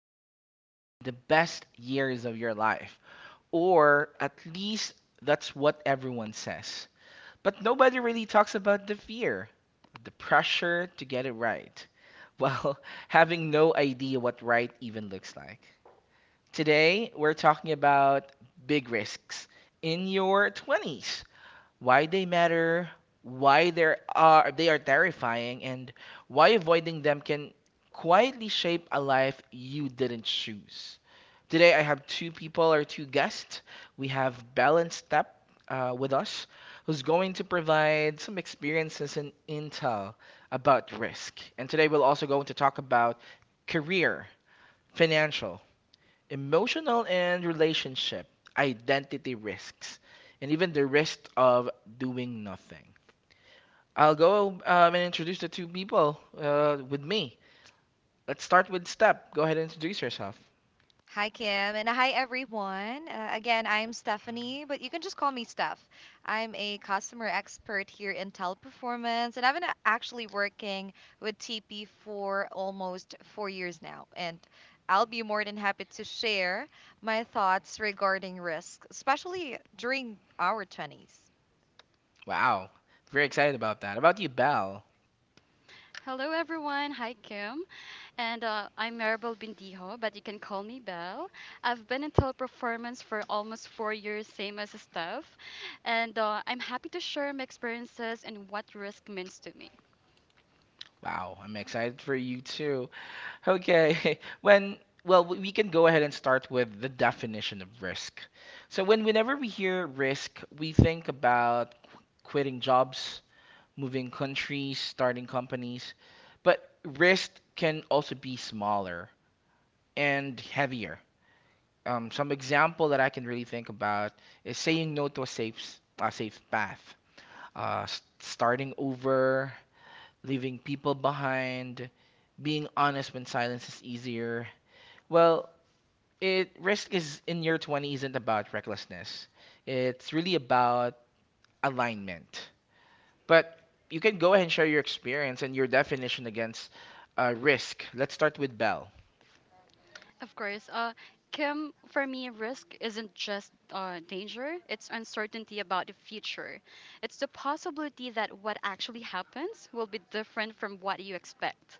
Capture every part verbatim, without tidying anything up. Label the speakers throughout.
Speaker 1: are supposed to be the best years of your life. Or at least that's what everyone says. But nobody really talks about the fear, the pressure to get it right, while having no idea what right even looks like. Today, we're talking about big risks in your twenties: why they matter, why they are they are terrifying, and why avoiding them can quietly shape a life you didn't choose. Today I have two people or two guests. We have Balance Step uh, with us, who's going to provide some experiences and intel about risk. And today we'll also going to talk about career, financial, emotional and relationship, identity risks, and even the risk of doing nothing. I'll go um, and introduce the two people uh, with me. Let's start with Step. Go ahead and introduce yourself.
Speaker 2: Hi, Kim, and hi, everyone. Uh, again, I'm Stephanie, but you can just call me Steph. I'm a customer expert here in teleperformance, and I've been a- actually working with T P for almost four years now. And I'll be more than happy to share my thoughts regarding risk, especially during our twenties.
Speaker 1: Wow, very excited about that. About you, Belle.
Speaker 3: Hello, everyone. Hi, Kim. And uh, I'm Maribel Bindijo, but you can call me Belle. I've been in teleperformance for almost four years, same as Steph. And uh, I'm happy to share my experiences and what risk means to me.
Speaker 1: Wow, I'm excited for you too. Okay, when well, we we can go ahead and start with the definition of risk. So when whenever we hear risk, we think about quitting jobs, moving countries, starting companies. But risk can also be smaller and heavier. Um, some example that I can really think about is saying no to a safe s- a safe path, uh, s- starting over, leaving people behind, being honest when silence is easier. Well, it risk is in your twenties isn't about recklessness. It's really about alignment. But you can go ahead and share your experience and your definition against uh, risk. Let's start with Bell.
Speaker 3: Of course, uh, Kim, for me, risk isn't just uh, danger, it's uncertainty about the future. It's the possibility that what actually happens will be different from what you expect.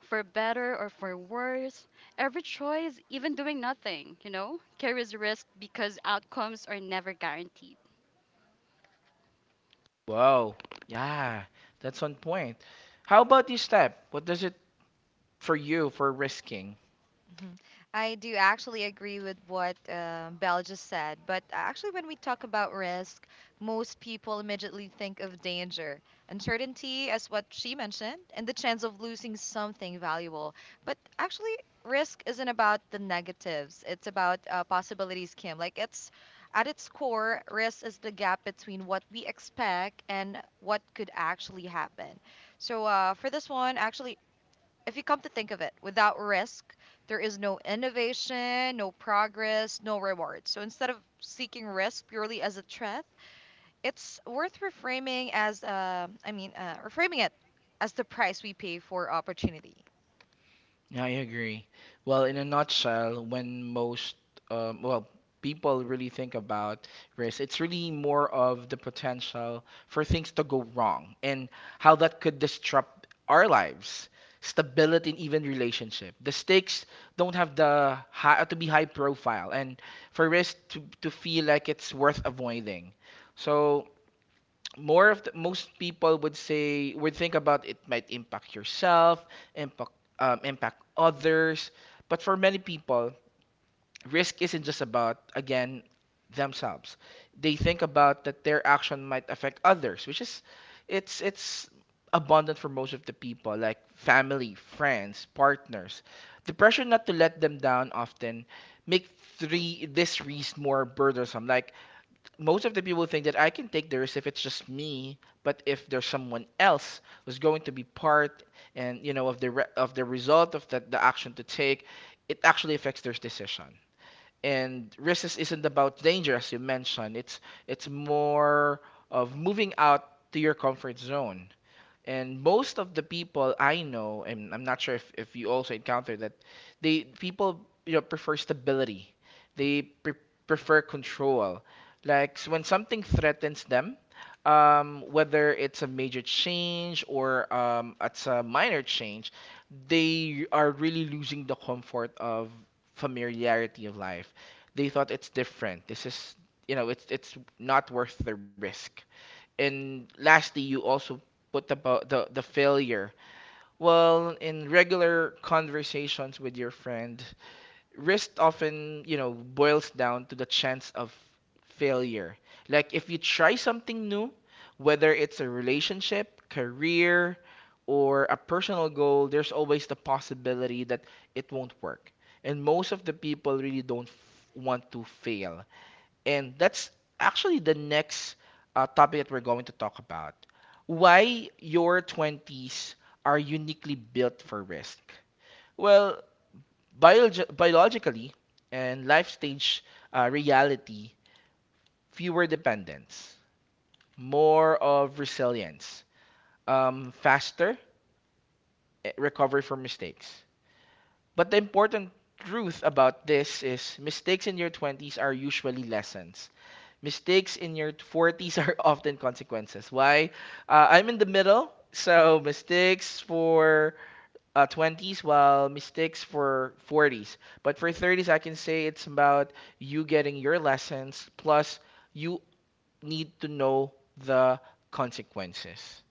Speaker 3: For better or for worse, every choice, even doing nothing, you know, carries risk because outcomes are never guaranteed.
Speaker 1: Whoa, yeah, that's one point. How about you, Step? What does it for you for risking?
Speaker 2: Mhm. I do actually agree with what uh, Belle just said, but actually, when we talk about risk, most people immediately think of danger, uncertainty, as what she mentioned, and the chance of losing something valuable. But actually, risk isn't about the negatives, it's about uh, possibilities, Kim. Like, it's at its core, risk is the gap between what we expect and what could actually happen. So, uh, for this one, actually, if you come to think of it, without risk, there is no innovation, no progress, no reward. So instead of seeking risk purely as a threat, it's worth reframing as uh, I mean, uh, reframing it as the price we pay for opportunity.
Speaker 1: Yeah, I agree. Well, in a nutshell, when most, um, well, people really think about risk, it's really more of the potential for things to go wrong and how that could disrupt our lives, stability, and even relationship. The stakes don't have the high, to be high profile, and for risk to, to feel like it's worth avoiding. So, more of the, most people would say would think about it might impact yourself, impact um, impact others, but for many people, risk isn't just about again themselves. They think about that their action might affect others, which is it's it's abundant for most of the people like family, friends, partners. The pressure not to let them down often make three this risk more burdensome. Like most of the people think that I can take the risk if it's just me, but if there's someone else who's going to be part and you know of the re- of the result of that the action to take, it actually affects their decision. And risk is- isn't about danger, as you mentioned. It's it's more of moving out to your comfort zone. And most of the people I know, and I'm not sure if, if you also encounter that, they people you know prefer stability. They pre- prefer control. Like s- when something threatens them, um, whether it's a major change or um, it's a minor change, they are really losing the comfort of familiarity of life. They thought it's different. This is you know it's it's not worth the risk. And lastly, you also put about the the failure. Well, in regular conversations with your friend, risk often you know boils down to the chance of failure. Like, if you try something new, whether it's a relationship career or a personal goal, there's always the possibility that it won't work, and most of the people really don't f- want to fail. And that's actually the next uh, topic that we're going to talk about. Why your twenties are uniquely built for risk. Well, biolog- biologically and life stage uh, reality, fewer dependents, more of resilience, um, faster eh, recovery from mistakes. But the important truth about this is mistakes in your twenties are usually lessons. Mistakes in your forties are often consequences. Why? Uh, I'm in the middle, so mistakes for uh, twenties, while mistakes for forties. But for thirties, I can say it's about you getting your lessons, plus you need to know the consequences.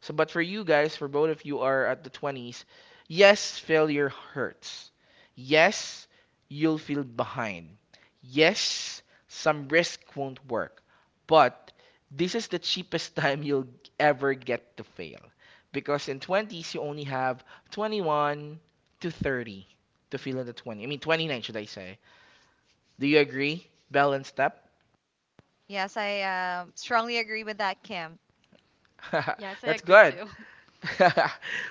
Speaker 1: So, but for you guys, for both of you are at the twenties, yes, failure hurts. Yes, you'll feel behind. Yes, some risk won't work. But this is the cheapest time you'll ever get to fail. Because in twenties, you only have twenty-one to thirty to feel at the twenty. I mean, twenty-nine, should I say. Do you agree? Balanced up?
Speaker 2: Yes, I uh, strongly agree with that, Kim.
Speaker 3: Yes, I
Speaker 1: That's
Speaker 3: agree
Speaker 1: good.
Speaker 3: too.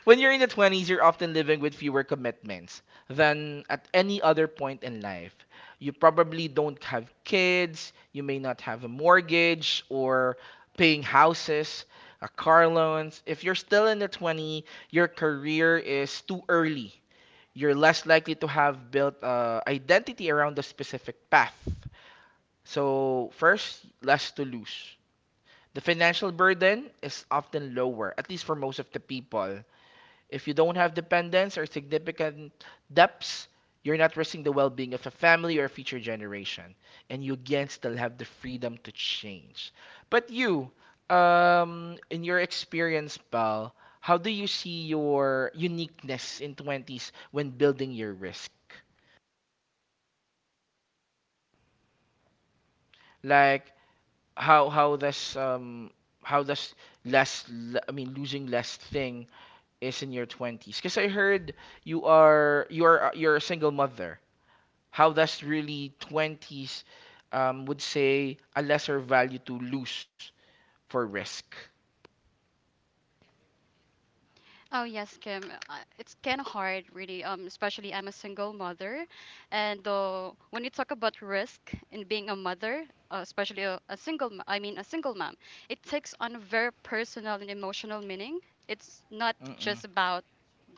Speaker 1: When you're in the twenties, you're often living with fewer commitments than at any other point in life. You probably don't have kids, you may not have a mortgage or paying houses, a car loans. If you're still in the twenty, your career is too early. You're less likely to have built a identity around a specific path. So, first, less to lose. The financial burden is often lower, at least for most of the people if you don't have dependents or significant debts, you're not risking the well being of a family or a future generation. And you again still have the freedom to change. But you, um, in your experience, pal, how do you see your uniqueness in twenties when building your risk? Like, how how does um how does less l- I mean losing less thing is in your twenties? Because I heard you are you are you're a single mother, how does really twenties um, would say a lesser value to lose for risk?
Speaker 3: Oh yes, Kim. uh, It's kind of hard, really. Um, especially I'm a single mother, and uh, when you talk about risk in being a mother, uh, especially a, a single, m- I mean a single mom, it takes on a very personal and emotional meaning. It's not
Speaker 1: Mm-mm,
Speaker 3: just about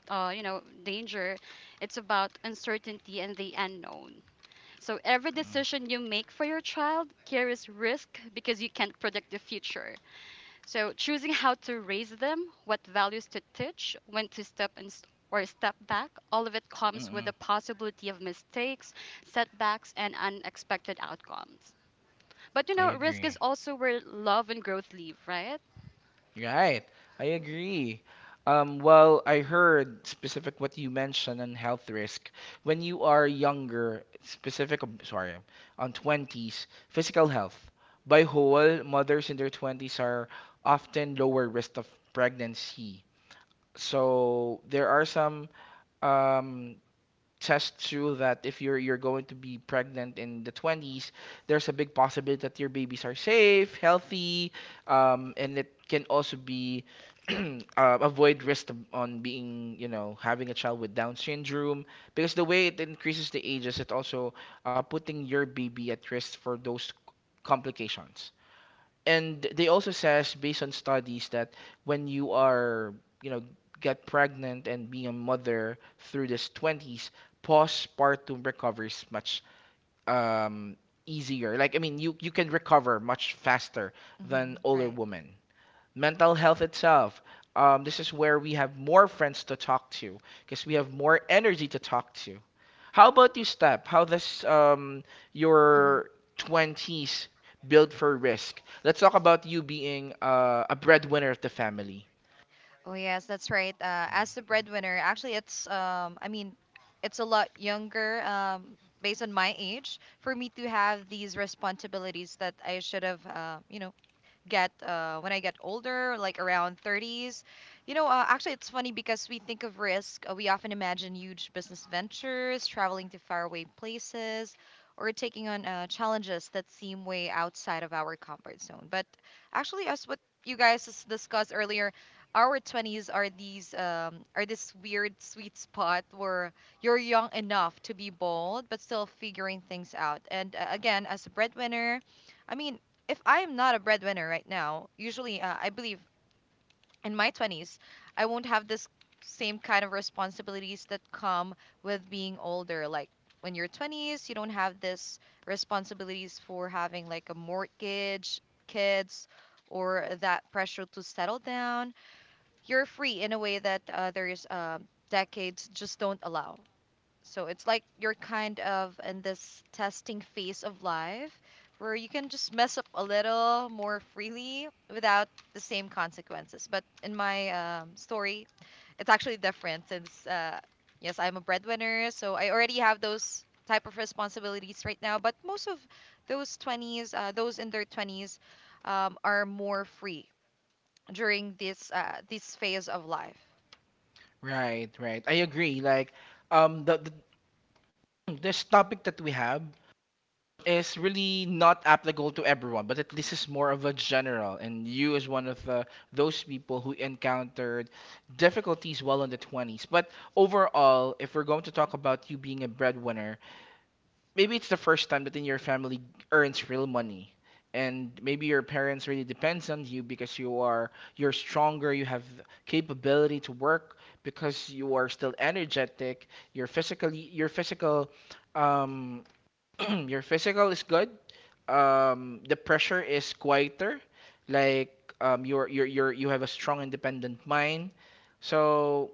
Speaker 3: uh, you know danger; it's about uncertainty and the unknown. So every decision you make for your child carries risk because you can't predict the future. So choosing how to raise them, what values to teach, when to step and s- or step back, all of it comes with
Speaker 1: mm-mm.
Speaker 3: the possibility of mistakes, setbacks, and unexpected outcomes. But you
Speaker 1: I
Speaker 3: know, risk is
Speaker 1: agree.
Speaker 3: also where love and growth live, right?
Speaker 1: Right. I agree. Um, well, I heard specific what you mentioned on health risk. When you are younger, specific, um, sorry, on twenties, physical health. By whole, mothers in their twenties are often lower risk of pregnancy. So there are some um, tests show that if you're you're going to be pregnant in the twenties, there's a big possibility that your babies are safe, healthy, um, and it can also be uh, avoid risk of- on being you know having a child with Down syndrome because the way it increases the ages, it also uh, putting your baby at risk for those complications. And they also says based on studies that when you are you know get pregnant and being a mother through this twenties, postpartum recovers much um easier. Like, I mean, you you can recover much faster than
Speaker 2: Hmm,
Speaker 1: older
Speaker 2: right.
Speaker 1: women. Mental health itself. Um, this is where we have more friends to talk to because we have more energy to talk to. How about you, Step? How does um, your twenties build for risk? Let's talk about you being uh, a breadwinner of the family.
Speaker 2: Oh yes, that's right. Uh, as the breadwinner, actually, it's um, I mean, it's a lot younger um, based on my age for me to have these responsibilities that I should have, uh, you know, get uh, when I get older, like around thirties. You know, uh, actually, it's funny because we think of risk, uh, we often imagine huge business ventures, traveling to faraway places, or taking on uh, challenges that seem way outside of our comfort zone. But actually, as what you guys s- discussed earlier, our twenties are these um, are this weird sweet spot where you're young enough to be bold but still figuring things out. And uh, again, as a breadwinner, I mean, if I am not a breadwinner right now, usually uh, I believe in my twenties, I won't have this same kind of responsibilities that come with being older. Like when you're twenties, you don't have this responsibilities for having like a mortgage, kids, or that pressure to settle down. You're free in a way that uh, there's uh, decades just don't allow. So it's like you're kind of in this testing phase of life where you can just mess up a little more freely without the same consequences. But in my um, story, it's actually different since, uh, yes, I'm a breadwinner, so I already have those type of responsibilities right now. But most of those twenties, uh, those in their twenties, um, are more free during this uh, this phase of life.
Speaker 1: Right, right. I agree. Like um, the, the this topic that we have is really not applicable to everyone, but it, this is more of a general. And you is one of the, those people who encountered difficulties well in the twenties. But overall, if we're going to talk about you being a breadwinner, maybe it's the first time that in your family earns real money. And maybe your parents really depends on you because you are you're stronger, you have capability to work because you are still energetic, your physically your physical um your physical is good. Um, the pressure is quieter. Like, um, you're you're you're you have a strong independent mind. So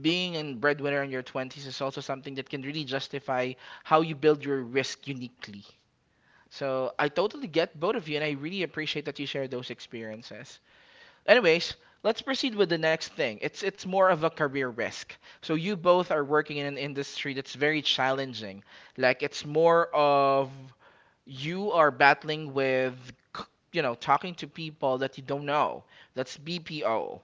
Speaker 1: being a breadwinner in your twenties is also something that can really justify how you build your risk uniquely. So I totally get both of you, and I really appreciate that you share those experiences. Anyways, let's proceed with the next thing. It's it's more of a career risk. So you both are working in an industry that's very challenging. Like it's more of you are battling with c- you know talking to people that you don't know. That's B P O.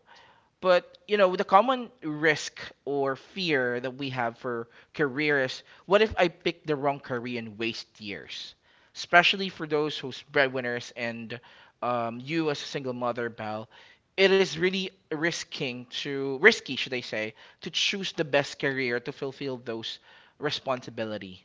Speaker 1: But, you know the common risk or fear that we have for careers: what if I pick the wrong career and waste years, especially for those who's breadwinners and um, you as a single mother Bell, it is really risking to risky, should I say, to choose the best career to fulfill those responsibility.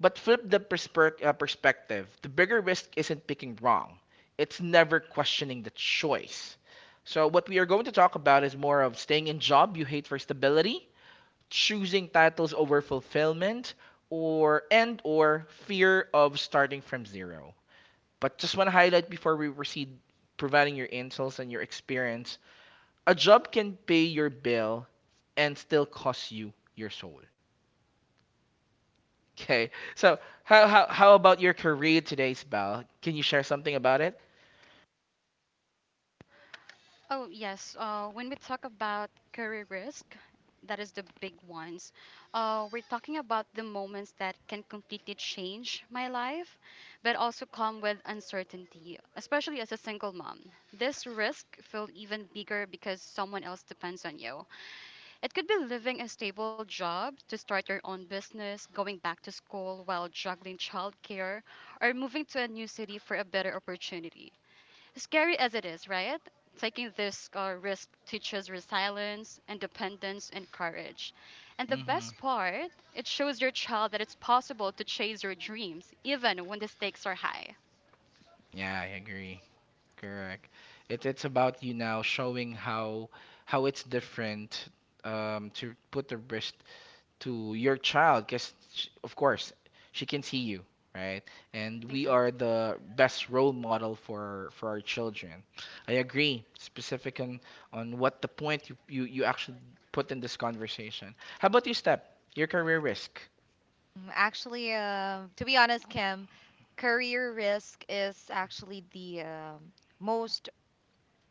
Speaker 1: But flip the persper- uh, perspective. The bigger risk isn't picking wrong, it's never questioning the choice. So, what we are going to talk about is more of staying in job you hate for stability, choosing titles over fulfillment, or and or fear of starting from zero. But just want to highlight before we proceed providing your insights and your experience, a job can pay your bill and still cost you your soul. Okay. So how how how about your career today, Bal? Can you share something about it?
Speaker 3: Oh, yes. Uh, when we talk about career risk, that is the big ones. Uh, we're talking about the moments that can completely change my life, but also come with uncertainty, especially as a single mom. This risk feel even bigger because someone else depends on you. It could be leaving a stable job to start your own business, going back to school while juggling childcare, or moving to a new city for a better opportunity. Scary as it is, right? Taking this uh, risk teaches resilience, independence, and courage. And the
Speaker 1: Mm-hmm.
Speaker 3: best part, it shows your child that it's possible to chase your dreams even when the stakes are high.
Speaker 1: Yeah, I agree. Correct. It, it's about you now showing how how it's different, um, to put the risk to your child because of course she can see you, right? And we are
Speaker 3: Exactly.
Speaker 1: the best role model for for our children. I agree specific on on what the point you you, you actually put in this conversation. How about you, Step, your career risk?
Speaker 2: Mm, Actually, um, to be honest, Kim, career risk is actually the um most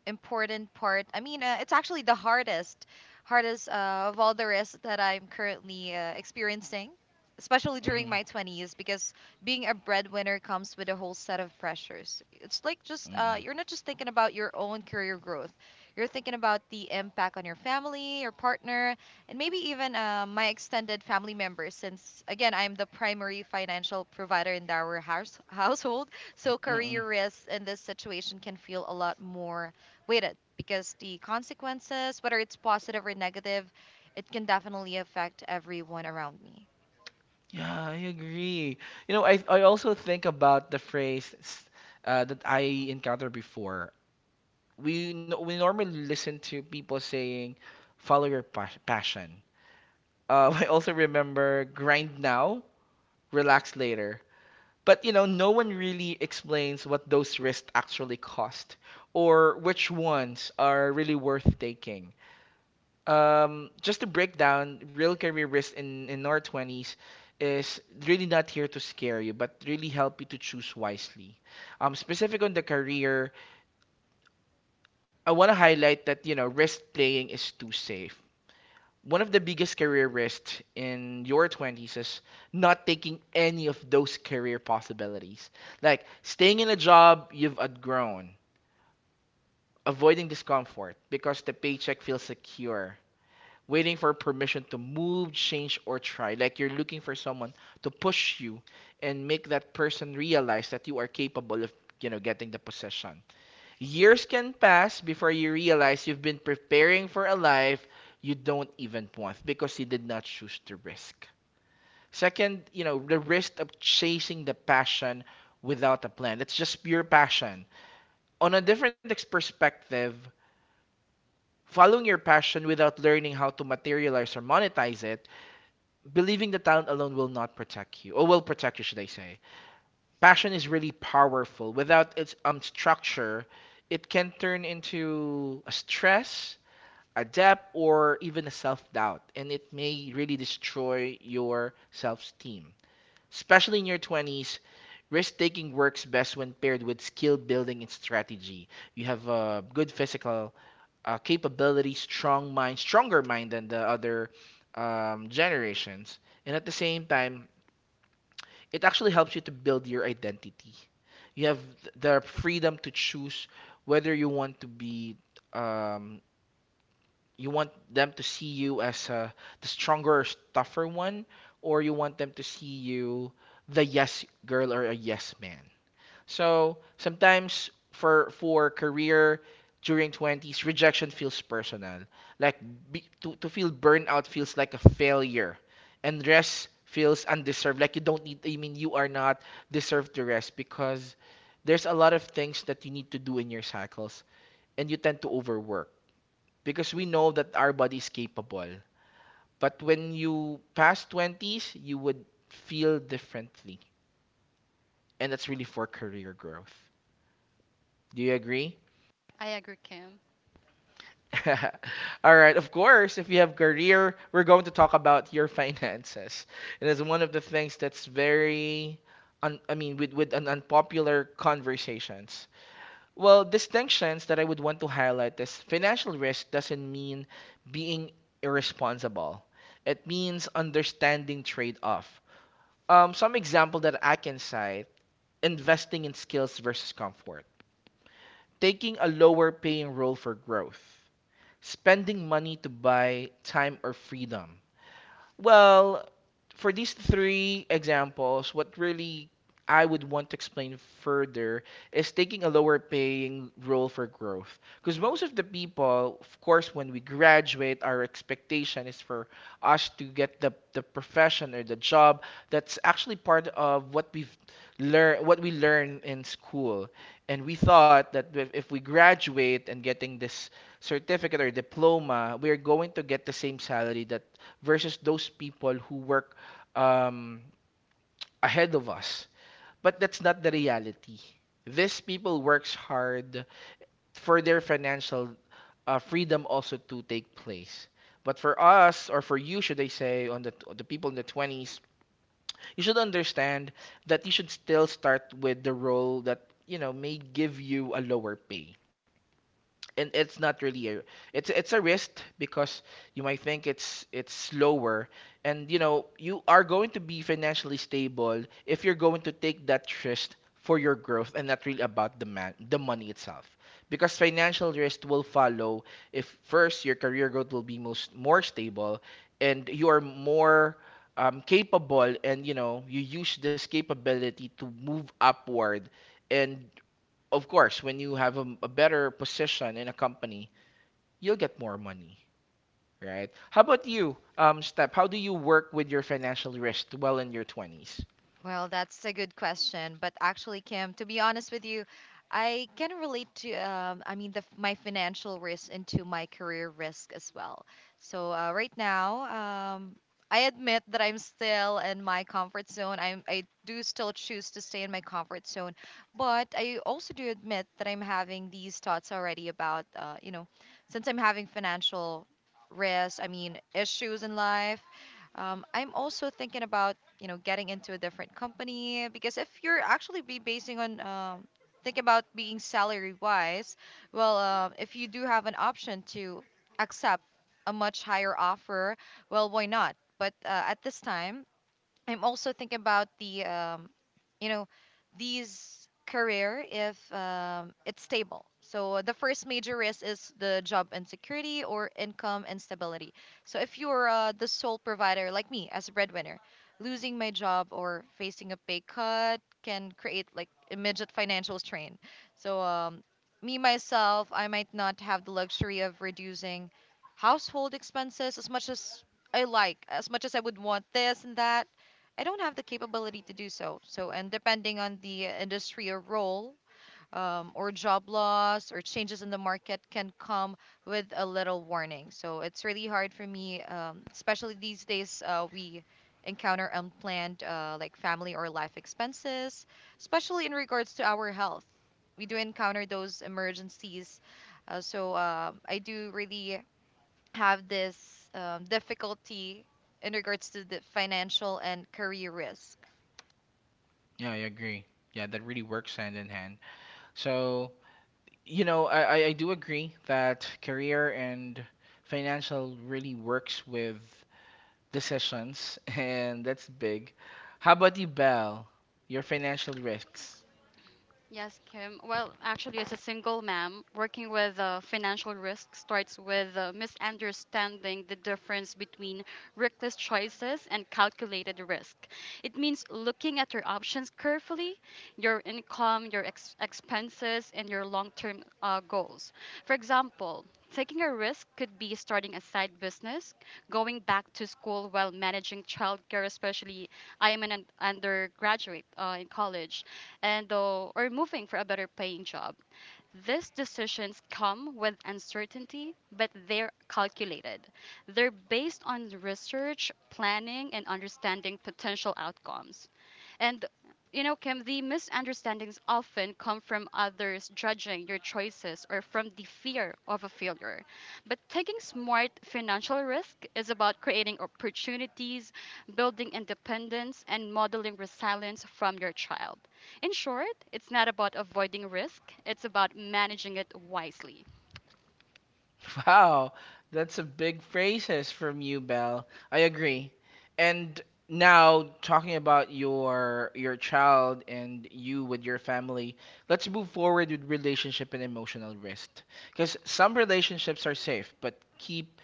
Speaker 2: important part. I mean, uh, it's actually the hardest, hardest uh, of all the risks that I'm currently uh, experiencing, especially
Speaker 1: Mm-hmm.
Speaker 2: during my twenties, because being a breadwinner comes with a whole set of pressures. It's like just, uh,
Speaker 1: Mm-mm.
Speaker 2: you're not just thinking about your own career growth, you're thinking about the impact on your family, your partner, and maybe even uh, my extended family members, since, again, I'm the primary financial provider in our house- household. So
Speaker 1: Mm-mm.
Speaker 2: career risks in this situation can feel a lot more with it because the consequences, whether it's positive or negative, it can definitely affect everyone around me.
Speaker 1: Yeah, I agree. You know, I I also think about the phrase s- uh, that I encountered before. We no- we normally listen to people saying, "Follow your pas passion," Uh, I also remember grind now, relax later. But you know, no one really explains what those risks actually cost or which ones are really worth taking. Um, just to break down, real career risk in, in our twenties is really not here to scare you, but really help you to choose wisely. Um, specific on the career, I want to highlight that, you know, risk playing is too safe. One of the biggest career risks in your twenties is not taking any of those career possibilities. Like staying in a job you've outgrown, avoiding discomfort because the paycheck feels secure, waiting for permission to move, change, or try. Like you're looking for someone to push you and make that person realize that you are capable of, you know, getting the position. Years can pass before you realize you've been preparing for a life you don't even want because you did not choose to risk. Second, you know, the risk of chasing the passion without a plan. It's just pure passion. On a different ex- perspective, following your passion without learning how to materialize or monetize it, believing the talent alone will not protect you, or will protect you, should I say. Passion is really powerful. Without its um, structure, it can turn into a stress adapt or even self-doubt, and it may really destroy your self-esteem, especially in your twenties. Risk-taking works best when paired with skill building and strategy. You have a good physical uh, capability, strong mind, stronger mind than the other um, generations. And at the same time, it actually helps you to build your identity. You have the freedom to choose whether you want to be, um, you want them to see you as uh, the stronger, tougher one, or you want them to see you the yes girl or a yes man. So sometimes for for career during twenties, rejection feels personal. Like be, to to feel burnout feels like a failure, and rest feels undeserved. Like you don't need. I mean, you are not deserved to rest because there's a lot of things that you need to do in your cycles, and you tend to overwork because we know that our body is capable. But when you pass twenties, you would feel differently. And that's really for career growth. Do you agree?
Speaker 3: I agree, Kim.
Speaker 1: All right, of course, if you have career, we're going to talk about your finances. And it's one of the things that's very un- I mean, with with an unpopular conversations. Well, distinctions that I would want to highlight is financial risk doesn't mean being irresponsible. It means understanding trade-off. Um, some example that I can cite, investing in skills versus comfort. Taking a lower paying role for growth. Spending money to buy time or freedom. Well, for these three examples, what really I would want to explain further is taking a lower paying role for growth. Because most of the people, of course, when we graduate, our expectation is for us to get the, the profession or the job that's actually part of what we've learn what we learn in school. And we thought that if if we graduate and getting this certificate or diploma, we're going to get the same salary that versus those people who work um, ahead of us. But that's not the reality. These people works hard for their financial uh, freedom also to take place. But for us, or for you, should I say, on the the people in the twenties, you should understand that you should still start with the role that you know may give you a lower pay. And it's not really a, it's it's a risk because you might think it's it's slower, and you know you are going to be financially stable if you're going to take that risk for your growth and not really about the man the money itself, because financial risk will follow if first your career growth will be most more stable, and you are more um, capable, and you know you use this capability to move upward. And of course, when you have a, a better position in a company, you'll get more money, right? How about you, um, Step? How do you work with your financial risk well in your twenties?
Speaker 2: Well, that's a good question. But actually, Kim, to be honest with you, I can relate to, um, I mean, the, f- my financial risk into my career risk as well. So uh, right now, um, I admit that I'm still in my comfort zone. I'm, I do still choose to stay in my comfort zone, but I also do admit that I'm having these thoughts already about, uh, you know, since I'm having financial risk, I mean, issues in life. Um, I'm also thinking about you know getting into a different company because if you're actually be basing on um, think about being salary wise well uh, if you do have an option to accept a much higher offer well why not but uh, at this time I'm also thinking about the um, you know, these career if um, it's stable. So the first major risk is the job insecurity or income instability. So if you're uh, the sole provider like me as a breadwinner, losing my job or facing a pay cut can create like immediate financial strain. So um, me myself, I might not have the luxury of reducing household expenses as much as I like, as much as I would want this and that I don't have the capability to do so. So, and depending on the industry or role, um, or job loss or changes in the market can come with a little warning. So, it's really hard for me, um, especially these days, uh, we encounter unplanned, uh, like family or life expenses, especially in regards to our health. We do encounter those emergencies. Uh, so, um I do really have this um, difficulty in regards to the financial and career risk.
Speaker 1: Yeah, I agree. Yeah, that really works hand in hand. So, you know, I, I I do agree that career and financial really works with decisions, and that's big. How about you, Belle? Your financial risks.
Speaker 3: Yes, Kim. Well, actually, as a single mom, working with uh, financial risk starts with uh, misunderstanding the difference between reckless choices and calculated risk. It means looking at your options carefully, your income, your ex- expenses, and your long term uh, goals. For example, taking a risk could be starting a side business, going back to school while managing childcare, especially I am an un- undergraduate uh, in college and uh, or moving for a better paying job. These decisions come with uncertainty, but they're calculated. They're based on research, planning, and understanding potential outcomes. And you know, Kim, the misunderstandings often come from others judging your choices or from the fear of a failure. But taking smart financial risk is about creating opportunities, building independence, and modeling resilience from your child. In short, it's not about avoiding risk, it's about managing it wisely.
Speaker 1: Wow, that's a big phrases from you, Belle. I agree. And now talking about your your child and you with your family, let's move forward with relationship and emotional risk. Because some relationships are safe, but keep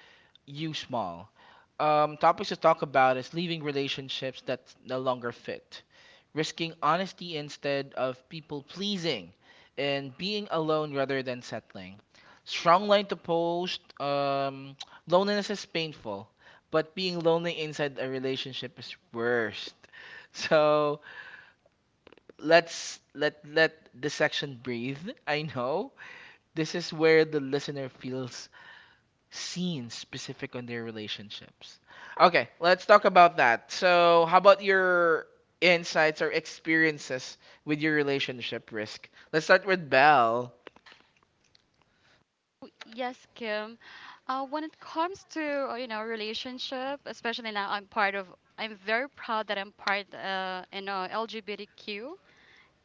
Speaker 1: you small. Um, topics to talk about is leaving relationships that no longer fit, risking honesty instead of people pleasing, and being alone rather than settling. Strong line to post. Um, loneliness is painful, but being lonely inside a relationship is worst. So let's let let the section breathe. I know this is where the listener feels scenes specific on their relationships. Okay, let's talk about that. So, how about your insights or experiences with your relationship risk? Let's start with Belle.
Speaker 3: Yes, Kim. Uh, when it comes to uh, you know relationship, especially now, I'm part of. I'm very proud that I'm part uh, in uh, L G B T Q.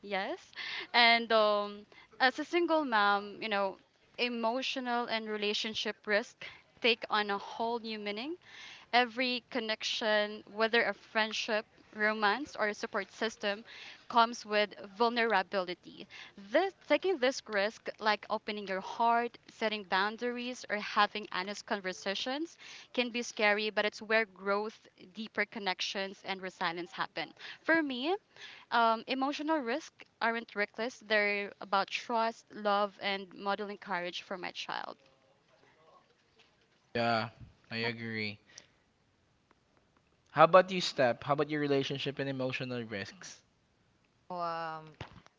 Speaker 3: Yes, and um, as a single mom, you know, emotional and relationship risk take on a whole new meaning. Every connection, whether a friendship, romance, or a support system, comes with vulnerability. This, taking this risk, like opening your heart, setting boundaries, or having honest conversations, can be scary, but it's where growth, deeper connections, and resilience happen. For me, um, emotional risks aren't reckless, they're about trust, love, and modeling courage for my child.
Speaker 1: Yeah, I agree. How about you, Step? How about your relationship and emotional risks?
Speaker 2: Um,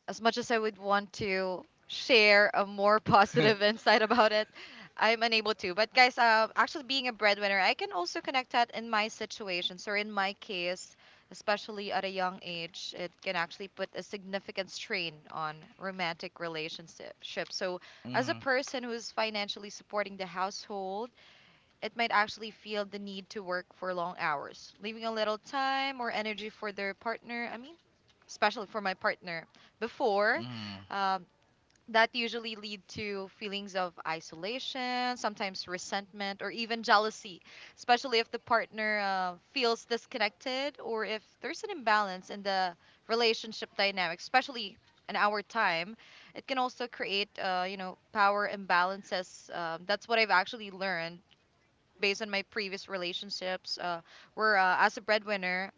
Speaker 2: as much as I would want to share a more
Speaker 1: Mm-hmm.
Speaker 2: positive insight about it, I'm unable to. But guys, uh, actually being a breadwinner, I can also connect that in my situations or in my case, especially at a young age, it can actually put a significant strain on romantic relationships. So as a person who's financially supporting the household, it might actually feel the need to work for long hours, leaving a little time or energy for their partner. I mean, especially for my partner before
Speaker 1: Mm-hmm.
Speaker 2: um, that usually lead to feelings of isolation sometimes resentment or even jealousy especially if the partner uh, feels disconnected or if there's an imbalance in the relationship dynamic especially in our time it can also create uh, you know power imbalances um, that's what I've actually learned based on my previous relationships uh, where uh, as a breadwinner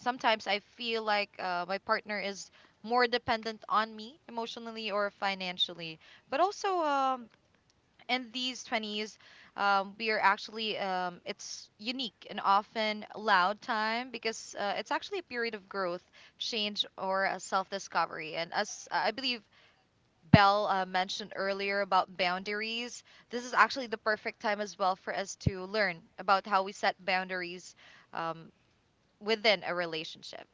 Speaker 2: sometimes I feel like uh, my partner is more dependent on me emotionally or financially. But also, um, in these twenties, um, we are actually, um, it's unique and often loud time because uh, it's actually a period of growth, change, or a self discovery. And as I believe Belle uh, mentioned earlier about boundaries, this is actually the perfect time as well for us to learn about how we set boundaries um, within a relationship.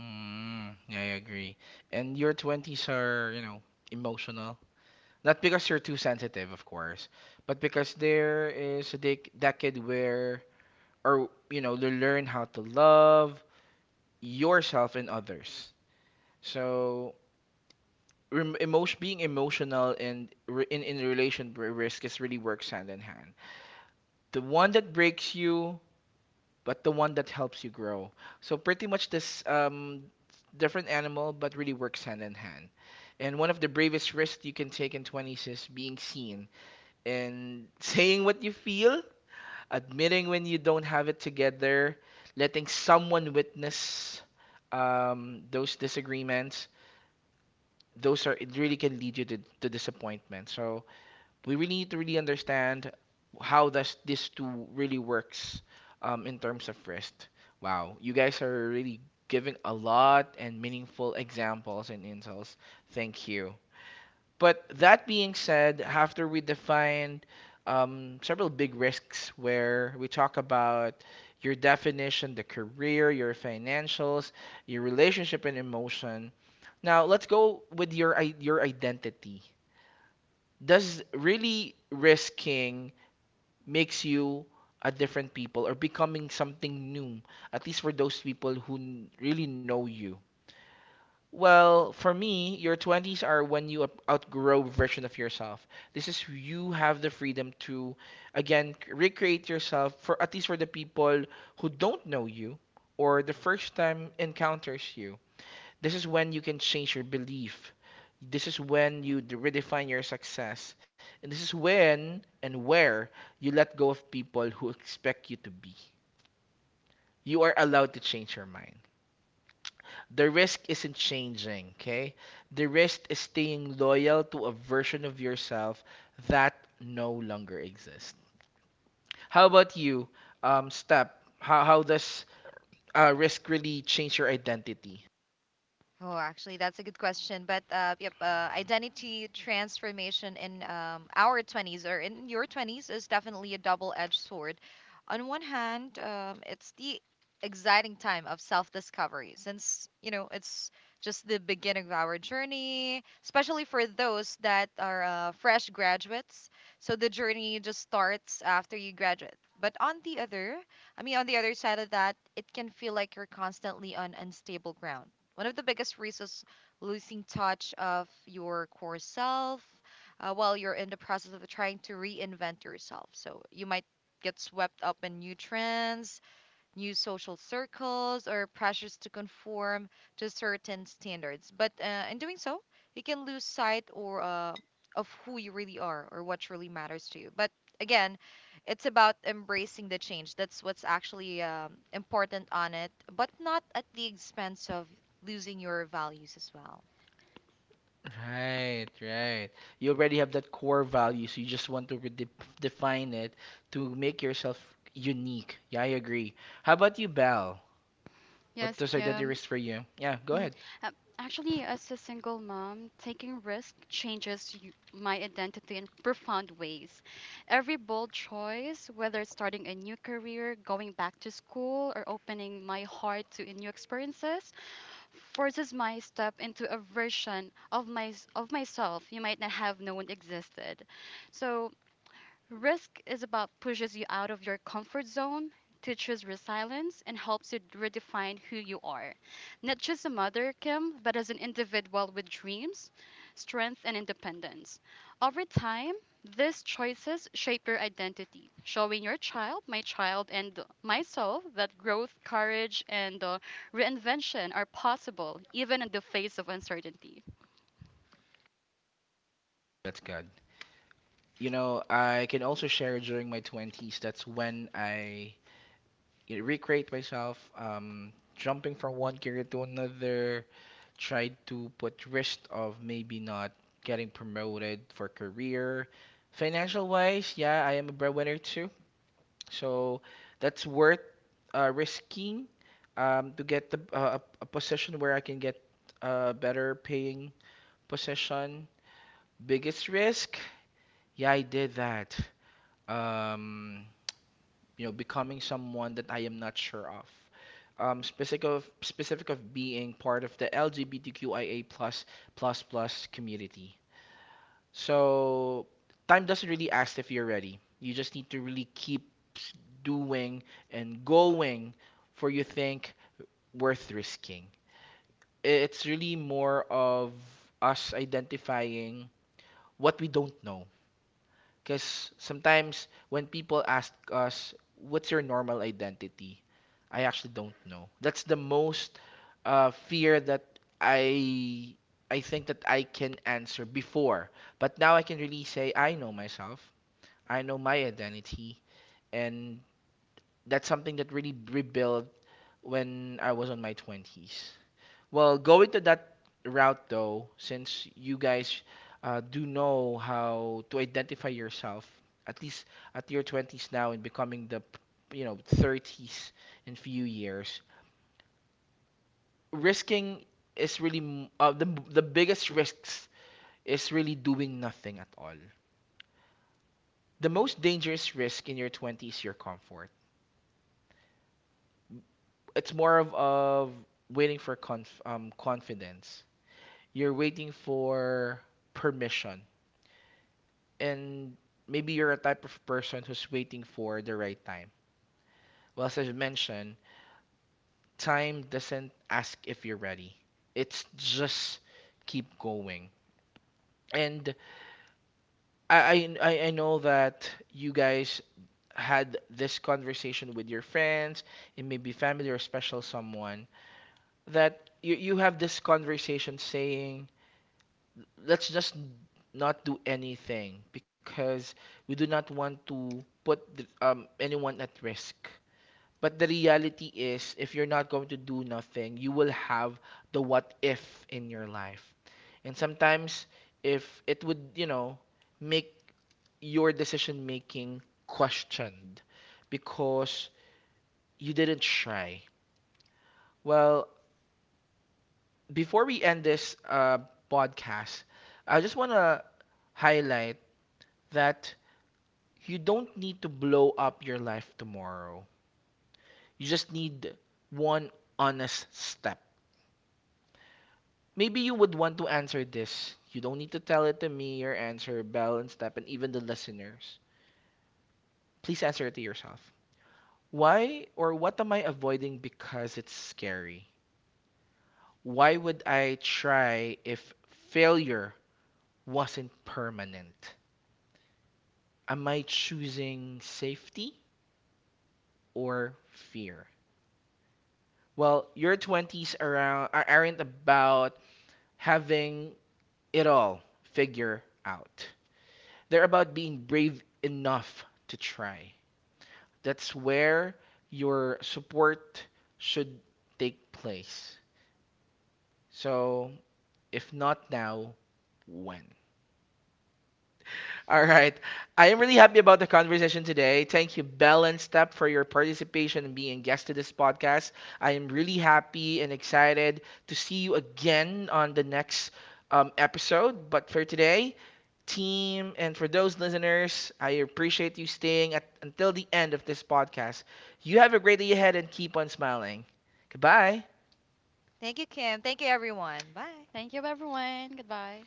Speaker 1: Mm-hmm. Yeah, I agree. And your twenties are, you know, emotional. Not because you're too sensitive, of course, but because there is a dec decade where, or you know, to learn how to love yourself and others. So rem- emotion, being emotional and re- in in relation to risk is really works hand in hand. The one that breaks you but the one that helps you grow. So pretty much this um different animal but really works hand in hand. And one of the bravest risks you can take in twenties is being seen and saying what you feel, admitting when you don't have it together, letting someone witness um, those disagreements. Those are, it really can lead you to, to disappointment. So we really need to really understand how does this two really works um, in terms of rest. Wow, you guys are really giving a lot and meaningful examples and insights. Thank you. But that being said, after we defined um, several big risks where we talk about your definition, the career, your financials, your relationship and emotion. Now let's go with your i- your identity. Does really risking makes you a different people or becoming something new? At least for those people who n- really know you well, for me, your twenties are when you up- outgrow version of yourself. This is you have the freedom to again c- recreate yourself for, at least for, the people who don't know you or the first time encounters you. This is when you can change your belief. This is when you d- redefine your success. And this is when and where you let go of people who expect you to be. You are allowed to change your mind. The risk isn't changing, okay? The risk is staying loyal to a version of yourself that no longer exists. How about you, um, Step? How, how does uh, risk really change your identity?
Speaker 2: Oh, actually, that's a good question. But uh, yep, uh, identity transformation in um, our twenties or in your twenties is definitely a double edged sword. On one hand, um, it's the exciting time of self discovery since, you know, it's just the beginning of our journey, especially for those that are uh, fresh graduates. So the journey just starts after you graduate. But on the other, I mean, on the other side of that, it can feel like you're constantly on unstable ground. One of the biggest reasons: losing touch of your core self uh, while you're in the process of trying to reinvent yourself. So you might get swept up in new trends, new social circles or pressures to conform to certain standards. But uh, in doing so, you can lose sight or uh, of who you really are or what truly matters to you. But again, it's about embracing the change. That's what's actually um, important on it, but not at the expense of losing your values as well.
Speaker 1: Right, right. You already have that core value, so you just want to redef define it to make yourself unique. Yeah, I agree. How about you, Belle? What
Speaker 3: Yes,
Speaker 1: does identity
Speaker 3: Kim.
Speaker 1: risk for you? Yeah, go
Speaker 3: Mhm.
Speaker 1: ahead.
Speaker 3: Uh, Actually, as a single mom, taking risk changes you, my identity in profound ways. Every bold choice, whether it's starting a new career, going back to school, or opening my heart to new experiences, forces my step into a version of my of myself you might not have known existed. So risk is about pushes you out of your comfort zone, teaches resilience, and helps you redefine who you are. Not just a mother, Kim, but as an individual with dreams, strength, and independence. Over time, these choices shape your identity, showing your child, my child, and myself that growth, courage, and uh, reinvention are possible even in the face of uncertainty.
Speaker 1: That's good. You know, I can also share during my twenties. That's when I, you know, recreate myself, um, jumping from one career to another, tried to put risk of maybe not getting promoted for career. Financial wise, yeah, I am a breadwinner too. So that's worth uh, risking um, to get the, uh, a, a position where I can get a better paying position. Biggest risk? Yeah, I did that. Um, you know, becoming someone that I am not sure of, um, specific of specific of being part of the LGBTQIA plus plus plus community. So time doesn't really ask if you're ready. You just need to really keep s- doing and going for you think worth risking. I- It's really more of us identifying what we don't know. Because sometimes when people ask us, what's your normal identity? I actually don't know. That's the most uh, fear that I I think that I can answer before. But now I can really say I know myself. I know my identity, and that's something that really rebuilt when I was on my twenties. Well, going to that route though, since you guys uh, do know how to identify yourself, at least at your twenties now and becoming the, you know, thirties in few years, risking is really m- uh, the the biggest risks is really doing nothing at all. The most dangerous risk in your twenties is your comfort. It's more of, of waiting for conf um, confidence. You're waiting for permission, and maybe you're a type of person who's waiting for the right time. Well, as I've mentioned, time doesn't ask if you're ready. It's just keep going. And I I I know that you guys had this conversation with your friends, it may be family or special someone that you you have this conversation saying, let's just not do anything because we do not want to put um anyone at risk. But the reality is, if you're not going to do nothing, you will have the what if in your life. And sometimes, if it would, you know, make your decision making questioned because you didn't try. Well, before we end this uh, podcast, I just want to highlight that you don't need to blow up your life tomorrow. You just need one honest step. Maybe you would want to answer this. You don't need to tell it to me, your answer, Belle and Step, and even the listeners. Please answer it to yourself. Why, or what am I avoiding because it's scary? Why would I try if failure wasn't permanent? Am I choosing safety or fear? Well, your twenties around are- not about having it all figure out. They're about being brave enough to try. That's where your support should take place. So, if not now, when? All right. I am really happy about the conversation today. Thank you, Bell and Step, for your participation and being a guest to this podcast. I am really happy and excited to see you again on the next um, episode. But for today, team, and for those listeners, I appreciate you staying at, until the end of this podcast. You have a great day ahead and keep on smiling. Goodbye.
Speaker 2: Thank you, Kim. Thank you, everyone. Bye.
Speaker 3: Thank you, everyone. Goodbye.